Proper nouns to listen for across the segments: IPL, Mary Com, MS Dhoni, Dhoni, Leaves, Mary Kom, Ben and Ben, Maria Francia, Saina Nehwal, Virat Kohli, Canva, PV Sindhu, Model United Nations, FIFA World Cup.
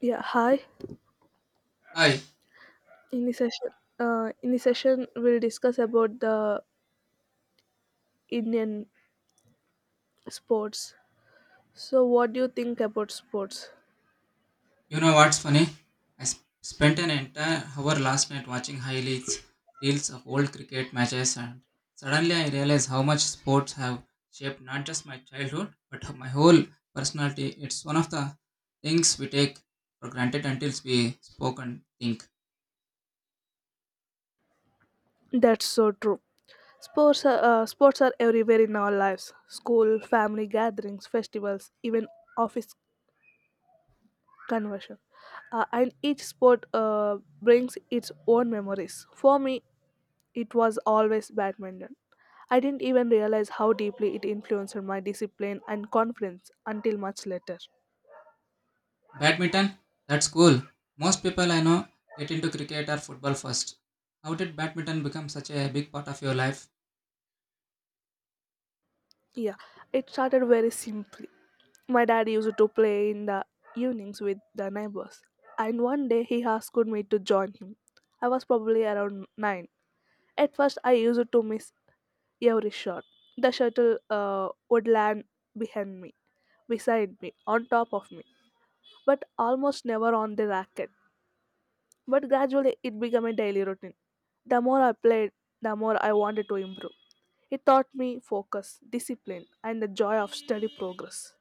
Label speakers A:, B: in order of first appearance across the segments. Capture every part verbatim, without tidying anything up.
A: Yeah, hi.
B: Hi,
A: In this session, uh, in this session, we'll discuss about the Indian sports. So, what do you think about sports?
B: you know what's funny? I s- spent an entire hour last night watching highlights, reels of old cricket matches, and suddenly I realized how much sports have shaped not just my childhood but my whole personality. It's one of the things we take for granted until we spoke and think.
A: That's so true. Sports are, uh, sports are everywhere in our lives: school, family gatherings, festivals, even office conversion. Uh, and each sport uh, brings its own memories. For me, it was always badminton. I didn't even realize how deeply it influenced my discipline and confidence until much later.
B: Badminton? That's cool. Most people I know get into cricket or football first. How did badminton become such a big part of your life?
A: Yeah, it started very simply. My dad used to play in the evenings with the neighbors, and one day he asked me to join him. I was probably around nine. At first, I used to miss every shot. The shuttle uh, would land behind me, beside me, on top of me, but almost never on the racket. But gradually it became a daily routine. The more I played, the more I wanted to improve. It taught me focus, discipline, and the joy of steady progress.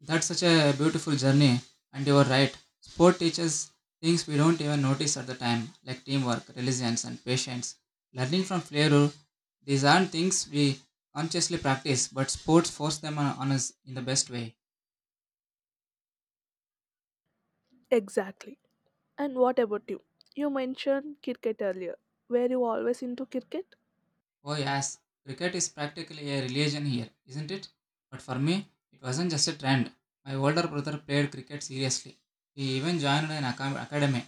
B: That's such a beautiful journey, and you are right. Sport teaches things we don't even notice at the time, like teamwork, resilience, and patience. Learning from failure, these aren't things we consciously practice, but sports force them on, on us in the best way.
A: Exactly. And what about you? You mentioned cricket earlier. Were you always into cricket?
B: Oh, yes, cricket is practically a religion here, isn't it? But for me, it wasn't just a trend. My older brother played cricket seriously. He even joined an acam- academy.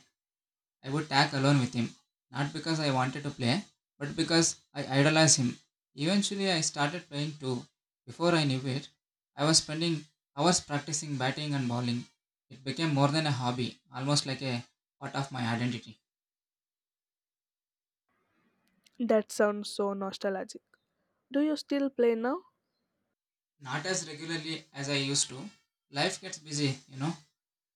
B: I would tag along with him, not because I wanted to play, but because I idolized him. Eventually, I started playing too. Before I knew it, I was spending hours practicing batting and bowling. It became more than a hobby, almost like a part of my identity.
A: That sounds so nostalgic. Do you still play now?
B: Not as regularly as I used to. Life gets busy, you know,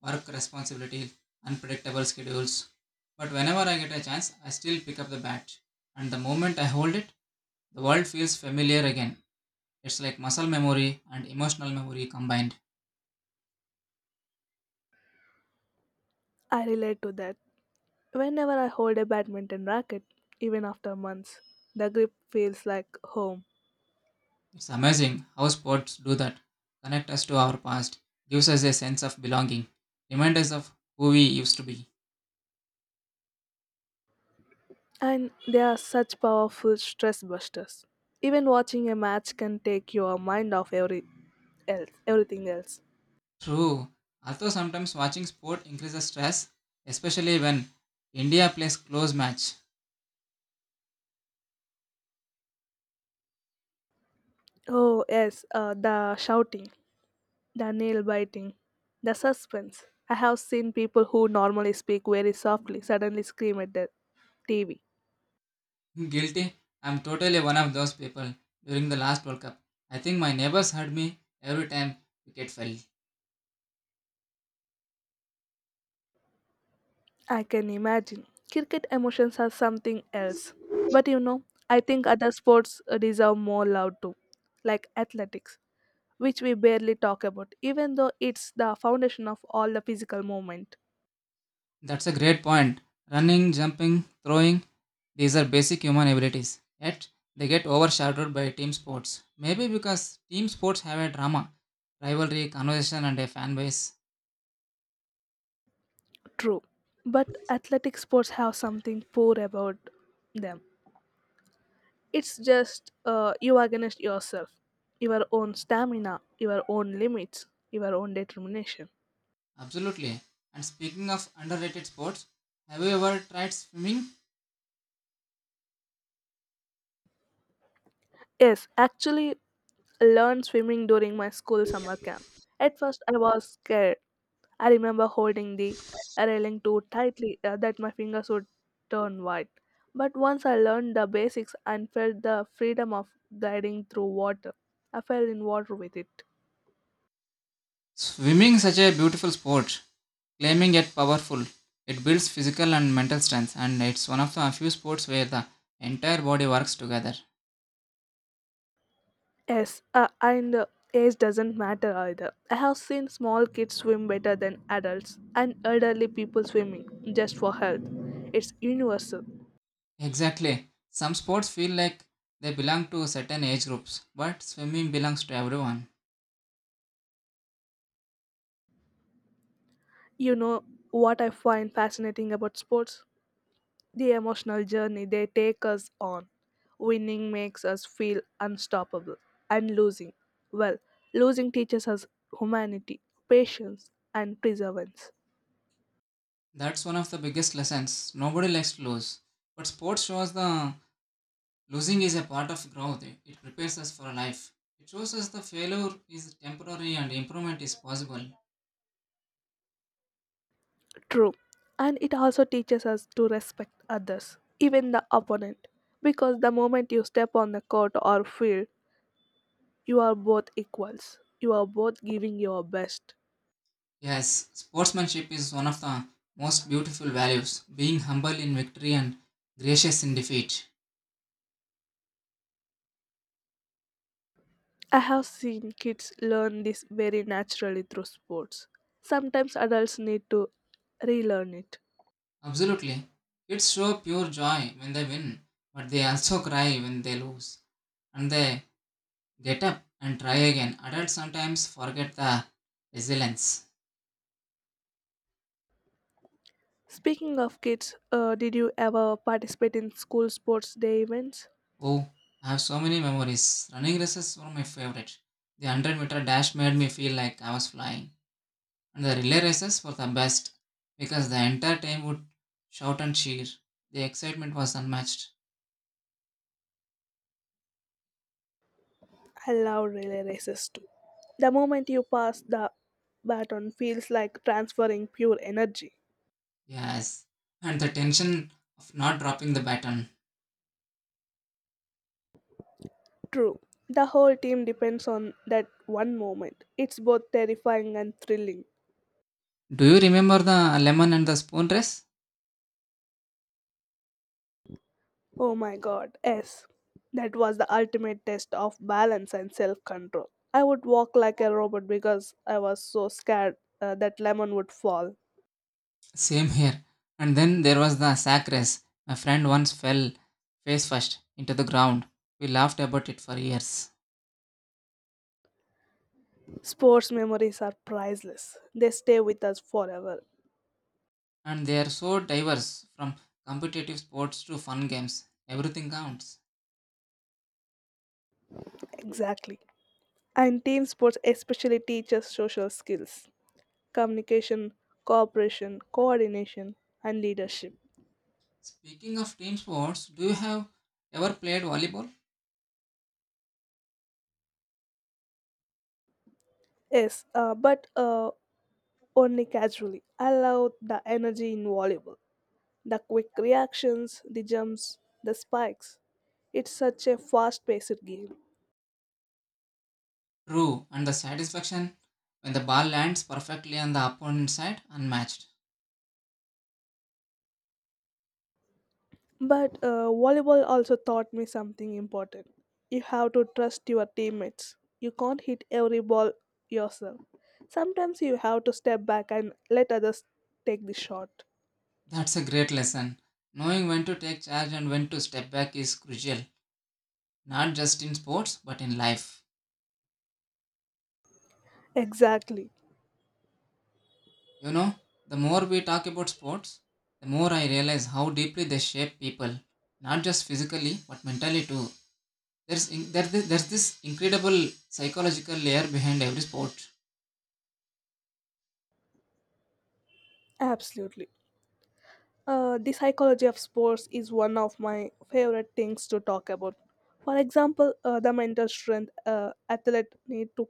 B: work responsibility, unpredictable schedules. But whenever I get a chance, I still pick up the bat. And the moment I hold it, the world feels familiar again. It's like muscle memory and emotional memory combined.
A: I relate to that. Whenever I hold a badminton racket, even after months, the grip feels like home.
B: It's amazing how sports do that. Connect us to our past, gives us a sense of belonging, remind us of who we used to be.
A: And they are such powerful stress busters. Even watching a match can take your mind off every else, everything else.
B: True. Although sometimes watching sport increases stress, especially when India plays close match.
A: Oh yes, uh, the shouting, the nail biting, the suspense. I have seen people who normally speak very softly suddenly scream at the T V.
B: Guilty? I'm totally one of those people during the last World Cup. I think my neighbors heard me every time wicket fell.
A: I can imagine. Cricket emotions are something else. But you know, I think other sports uh, deserve more love too, like athletics, which we barely talk about, even though it's the foundation of all the physical movement.
B: That's a great point. Running, jumping, throwing, these are basic human abilities. Yet, they get overshadowed by team sports. Maybe because team sports have a drama, rivalry, conversation, and a fan base.
A: True. But athletic sports have something poor about them. It's just uh, you are against yourself, your own stamina, your own limits, your own determination.
B: Absolutely. And speaking of underrated sports, have you ever tried swimming?
A: Yes, actually, Learn swimming during my school summer camp. At first, I was scared. I remember holding the railing too tightly uh, that my fingers would turn white. But once I learned the basics and felt the freedom of gliding through water, I fell in water with it.
B: Swimming such a beautiful sport, claiming yet powerful. It builds physical and mental strength and it's one of the few sports where the entire body works together.
A: Yes, uh, and uh, age doesn't matter either. I have seen small kids swim better than adults and elderly people swimming just for health. It's universal.
B: Exactly. Some sports feel like they belong to certain age groups, but swimming belongs to everyone.
A: You know what I find fascinating about sports? The emotional journey they take us on. Winning makes us feel unstoppable, and losing, well, losing teaches us humanity, patience, and perseverance.
B: That's one of the biggest lessons. Nobody likes to lose. But sports shows the losing is a part of growth. It prepares us for life. It shows us the failure is temporary and improvement is possible.
A: True. And it also teaches us to respect others, even the opponent, because the moment you step on the court or field, you are both equals. You are both giving your best.
B: Yes, sportsmanship is one of the most beautiful values, being humble in victory and gracious in defeat.
A: I have seen kids learn this very naturally through sports. Sometimes adults need to relearn it.
B: Absolutely. Kids show pure joy when they win, but they also cry when they lose. And they get up and try again. Adults sometimes forget the resilience.
A: Speaking of kids, uh, did you ever participate in school sports day events?
B: Oh, I have so many memories. Running races were my favorite. The one hundred meter dash made me feel like I was flying. The relay races were the best because the entire team would shout and cheer. The excitement was unmatched.
A: I love relay races too. The moment you pass the baton feels like transferring pure energy.
B: Yes. And the tension of not dropping the baton.
A: True, the whole team depends on that one moment. It's both terrifying and thrilling.
B: Do you remember the lemon and the spoon race?
A: Oh my god, yes. That was the ultimate test of balance and self control. I would walk like a robot because I was so scared uh, that lemon would fall.
B: Same here. And then there was the sack race. My friend once fell face first into the ground. We laughed about it for years.
A: Sports memories are priceless, they stay with us forever.
B: And they are so diverse from competitive sports to fun games. Everything counts.
A: Exactly. And team sports especially teach us social skills, communication, cooperation, coordination, and leadership.
B: Speaking of team sports, do you have ever played volleyball?
A: Yes, uh, but uh, only casually. I love the energy in volleyball. The quick reactions, the jumps, the spikes. It's such a fast paced game.
B: True, and the satisfaction when the ball lands perfectly on the opponent's side unmatched.
A: But uh, volleyball also taught me something important. You have to trust your teammates. You can't hit every ball yourself. Sometimes you have to step back and let others take the shot.
B: That's a great lesson. Knowing when to take charge and when to step back is crucial, not just in sports but in life.
A: Exactly.
B: You know, the more we talk about sports, the more I realize how deeply they shape people, not just physically but mentally too. There's in, there, there's this incredible psychological layer behind every sport.
A: Absolutely. Uh, the psychology of sports is one of my favorite things to talk about. For example, uh, the mental strength uh, athlete need to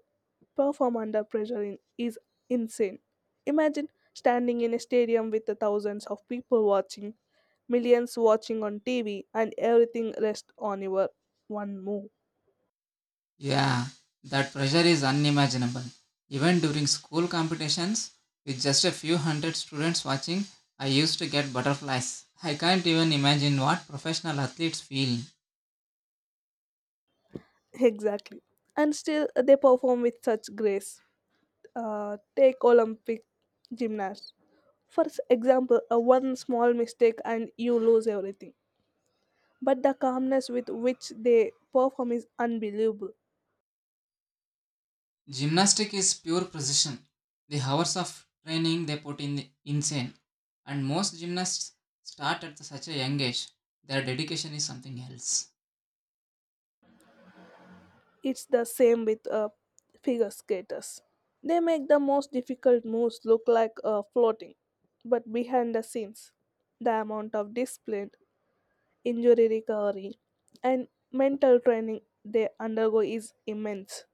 A: perform under pressure in, is insane. Imagine standing in a stadium with the thousands of people watching, millions watching on T V, and everything rests on your one move.
B: Yeah, that pressure is unimaginable. Even during school competitions, with just a few hundred students watching, I used to get butterflies. I can't even imagine what professional athletes feel.
A: Exactly. And still, they perform with such grace. Uh, take Olympic gymnasts. For s- example, a one small mistake and you lose everything. But the calmness with which they perform is unbelievable.
B: Gymnastic is pure precision. The hours of training they put in insane. And most gymnasts start at such a young age. Their dedication is something else.
A: It's the same with uh, figure skaters. They make the most difficult moves look like uh, floating, but behind the scenes, the amount of discipline, injury recovery, and mental training they undergo is immense.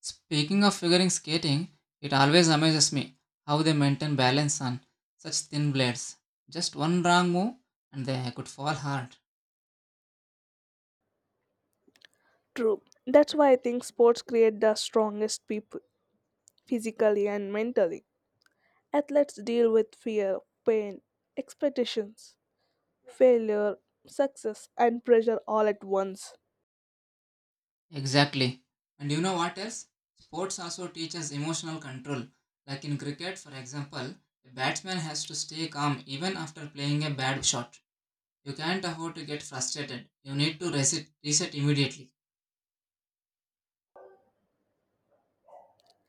B: Speaking of figuring skating, it always amazes me how they maintain balance on such thin blades. Just one wrong move and they could fall hard.
A: True. That's why I think sports create the strongest people, physically and mentally. Athletes deal with fear, pain, expectations, failure, success, and pressure all at once.
B: Exactly. And you know what else? Sports also teaches emotional control. Like in cricket, for example, a batsman has to stay calm even after playing a bad shot. You can't afford to get frustrated. You need to reset, reset immediately.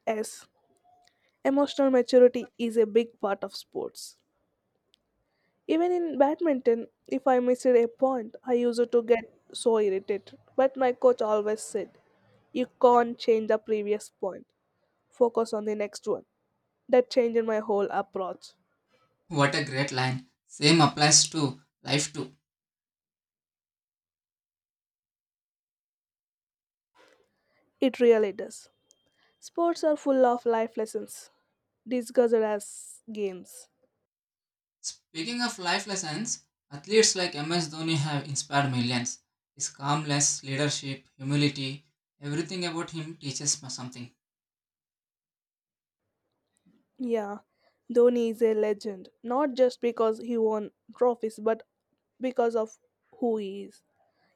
A: S. Emotional maturity is a big part of sports. Even in badminton, if I missed a point, I used to get so irritated. But my coach always said, you can't change the previous point, focus on the next one. That changed my whole approach.
B: What a great line. Same applies to life too.
A: It really does. Sports are full of life lessons, disguised as games.
B: Speaking of life lessons, athletes like M S Dhoni have inspired millions. His calmness, leadership, humility, everything about him teaches us something.
A: Yeah, Dhoni is a legend, not just because he won trophies, but because of who he is.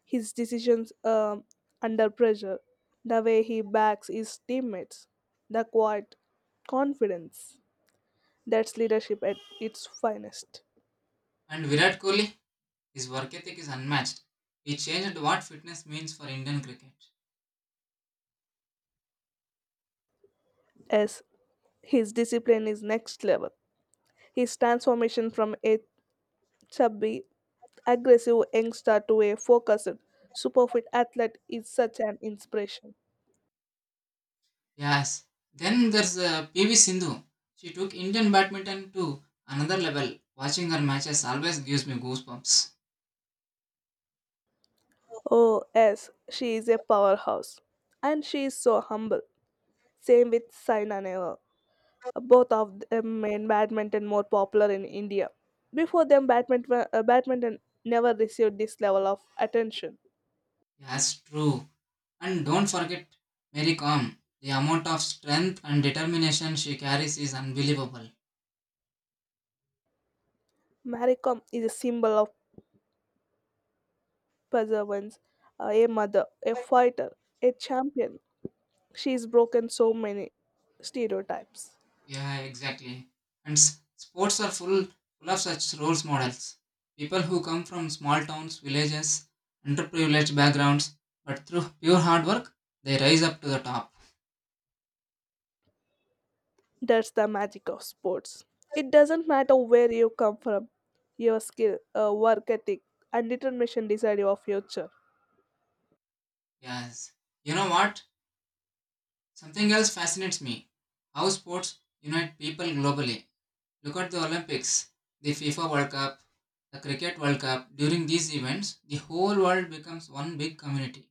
A: His decisions um, under pressure, the way he backs his teammates, the quiet confidence. That's leadership at its finest.
B: And Virat Kohli, his work ethic is unmatched. He changed what fitness means for Indian cricket.
A: As his discipline is next level. His transformation from a chubby, aggressive youngster to a focused, super fit athlete is such an inspiration.
B: Yes. Then there's uh, P V Sindhu. She took Indian badminton to another level. Watching her matches always gives me goosebumps.
A: Oh, yes, she is a powerhouse. And she is so humble. Same with Saina Nehwal. Both of them made badminton more popular in India. Before them, badminton, uh, badminton never received this level of attention.
B: Yes, true. And don't forget Mary Com. The amount of strength and determination she carries is unbelievable.
A: Mary Kom is a symbol of perseverance, uh, a mother, a fighter, a champion. She has broken so many stereotypes.
B: Yeah, exactly. And s- sports are full, full of such role models. People who come from small towns, villages, underprivileged backgrounds, but through pure hard work, they rise up to the top.
A: That's the magic of sports. It doesn't matter where you come from, your skill, uh, work ethic, and determination decide your future.
B: Yes. You know what? Something else fascinates me. How sports unite people globally. Look at the Olympics, the FIFA World Cup, the Cricket World Cup. During these events, the whole world becomes one big community.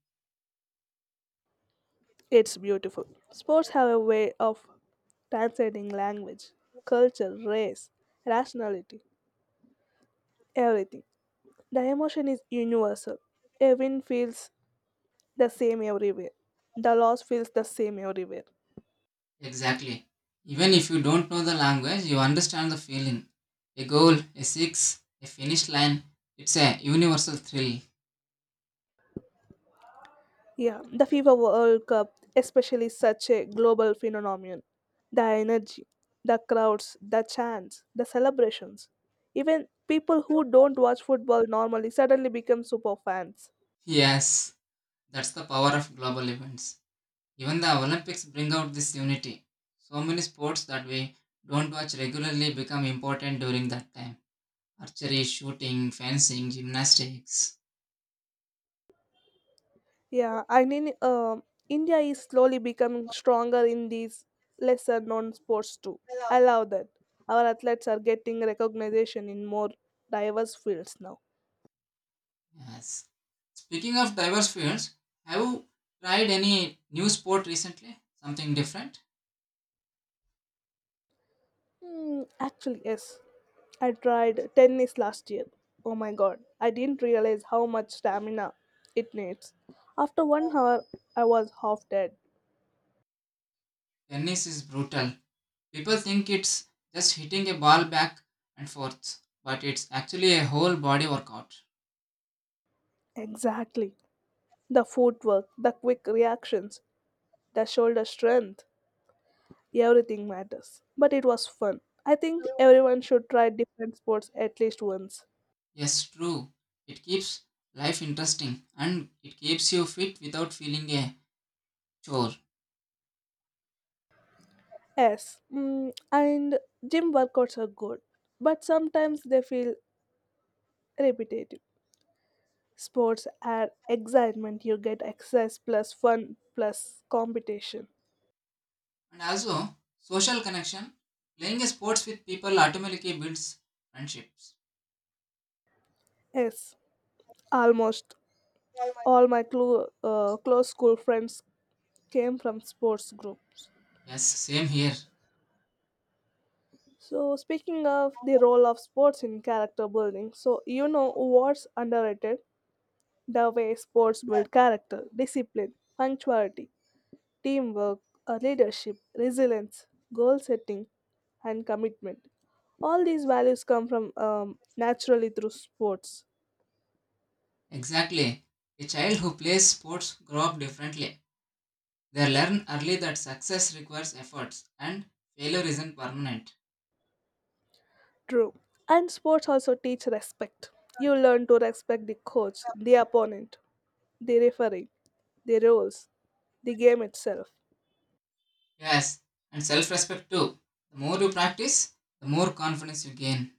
A: It's beautiful. Sports have a way of transcending language, culture, race, rationality, everything. The emotion is universal. A win feels the same everywhere. The loss feels the same everywhere.
B: Exactly. Even if you don't know the language, you understand the feeling. A goal, a six, a finish line. It's a universal thrill.
A: Yeah, the FIFA World Cup, especially such a global phenomenon. The energy, the crowds, the chants, the celebrations. Even people who don't watch football normally suddenly become super fans.
B: Yes, that's the power of global events. Even the Olympics bring out this unity. So many sports that we don't watch regularly become important during that time. Archery, shooting, fencing, gymnastics.
A: Yeah, I mean, um India is slowly becoming stronger in these lesser known sports too. I love that. Our athletes are getting recognition in more diverse fields now.
B: Yes. Speaking of diverse fields, have you tried any new sport recently? Something different?
A: Hmm, actually, yes. I tried tennis last year. Oh my god, I didn't realize how much stamina it needs. After one hour, I was half dead.
B: Tennis is brutal. People think it's just hitting a ball back and forth, but it's actually a whole body workout.
A: Exactly. The footwork, the quick reactions, the shoulder strength, everything matters. But it was fun. I think everyone should try different sports at least once.
B: Yes, true. It keeps life interesting and it keeps you fit without feeling a chore.
A: Yes, mm, and gym workouts are good, but sometimes they feel repetitive. Sports are excitement. You get exercise plus fun plus competition.
B: And also, social connection. Playing a sports with people automatically builds friendships.
A: Yes, almost all my clo- uh, close school friends came from sports groups.
B: Yes, same here.
A: So, speaking of the role of sports in character building, so you know what's underrated? The way sports build character, discipline, punctuality, teamwork, uh, leadership, resilience, goal setting, and commitment. All these values come from um, naturally through sports.
B: Exactly. A child who plays sports grow up differently. They learn early that success requires efforts and failure isn't permanent.
A: True. And sports also teach respect. You learn to respect the coach, the opponent, the referee, the rules, the game itself.
B: Yes, and self-respect too. The more you practice, the more confidence you gain.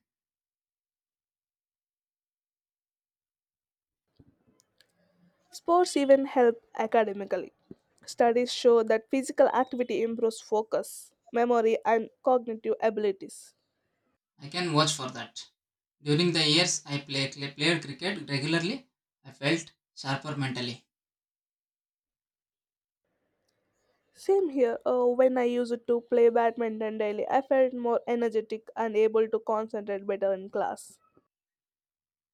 A: Sports even help academically. Studies show that physical activity improves focus, memory, and cognitive abilities.
B: I can watch for that. During the years I play, played cricket regularly, I felt sharper mentally.
A: Same here. Uh, when I used to play badminton daily, I felt more energetic and able to concentrate better in class.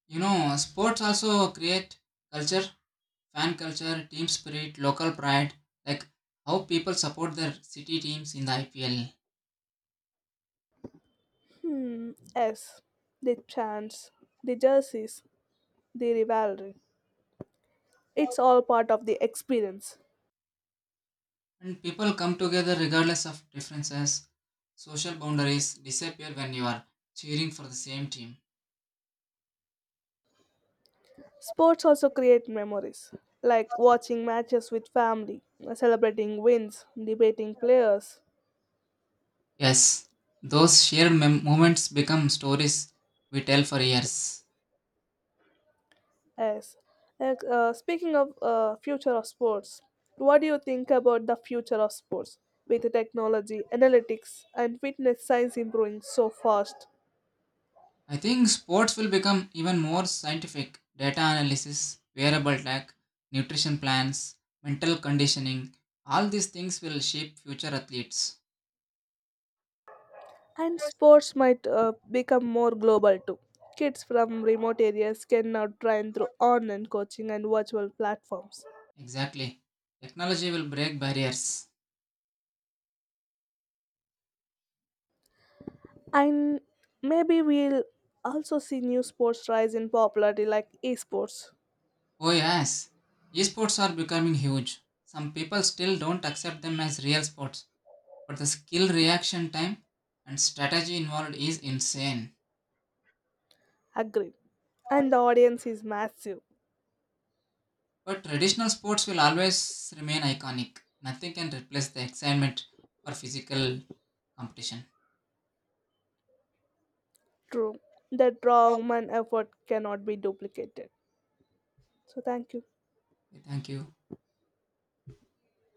B: You know, sports also create culture, fan culture, team spirit, local pride, like how people support their city teams in the I P L.
A: Hmm, yes. The chants, the jerseys, the rivalry. It's all part of the experience.
B: And people come together regardless of differences. Social boundaries disappear when you are cheering for the same team.
A: Sports also create memories, like watching matches with family, celebrating wins, debating players.
B: Yes, those shared mem- moments become stories we tell for years.
A: Yes. And, uh, speaking of uh, future of sports, what do you think about the future of sports with the technology, analytics, and fitness science improving so fast?
B: I think sports will become even more scientific. Data analysis, wearable tech, nutrition plans, mental conditioning, all these things will shape future athletes.
A: And sports might uh, become more global too. Kids from remote areas can now train through online coaching and virtual platforms.
B: Exactly. Technology will break barriers.
A: And maybe we'll also see new sports rise in popularity like esports.
B: Oh, yes. Esports are becoming huge. Some people still don't accept them as real sports, but the skill reaction time and strategy involved is insane.
A: Agreed. And the audience is massive.
B: But traditional sports will always remain iconic. Nothing can replace the excitement for physical competition.
A: True, that raw human effort cannot be duplicated. So, thank you.
B: Thank you.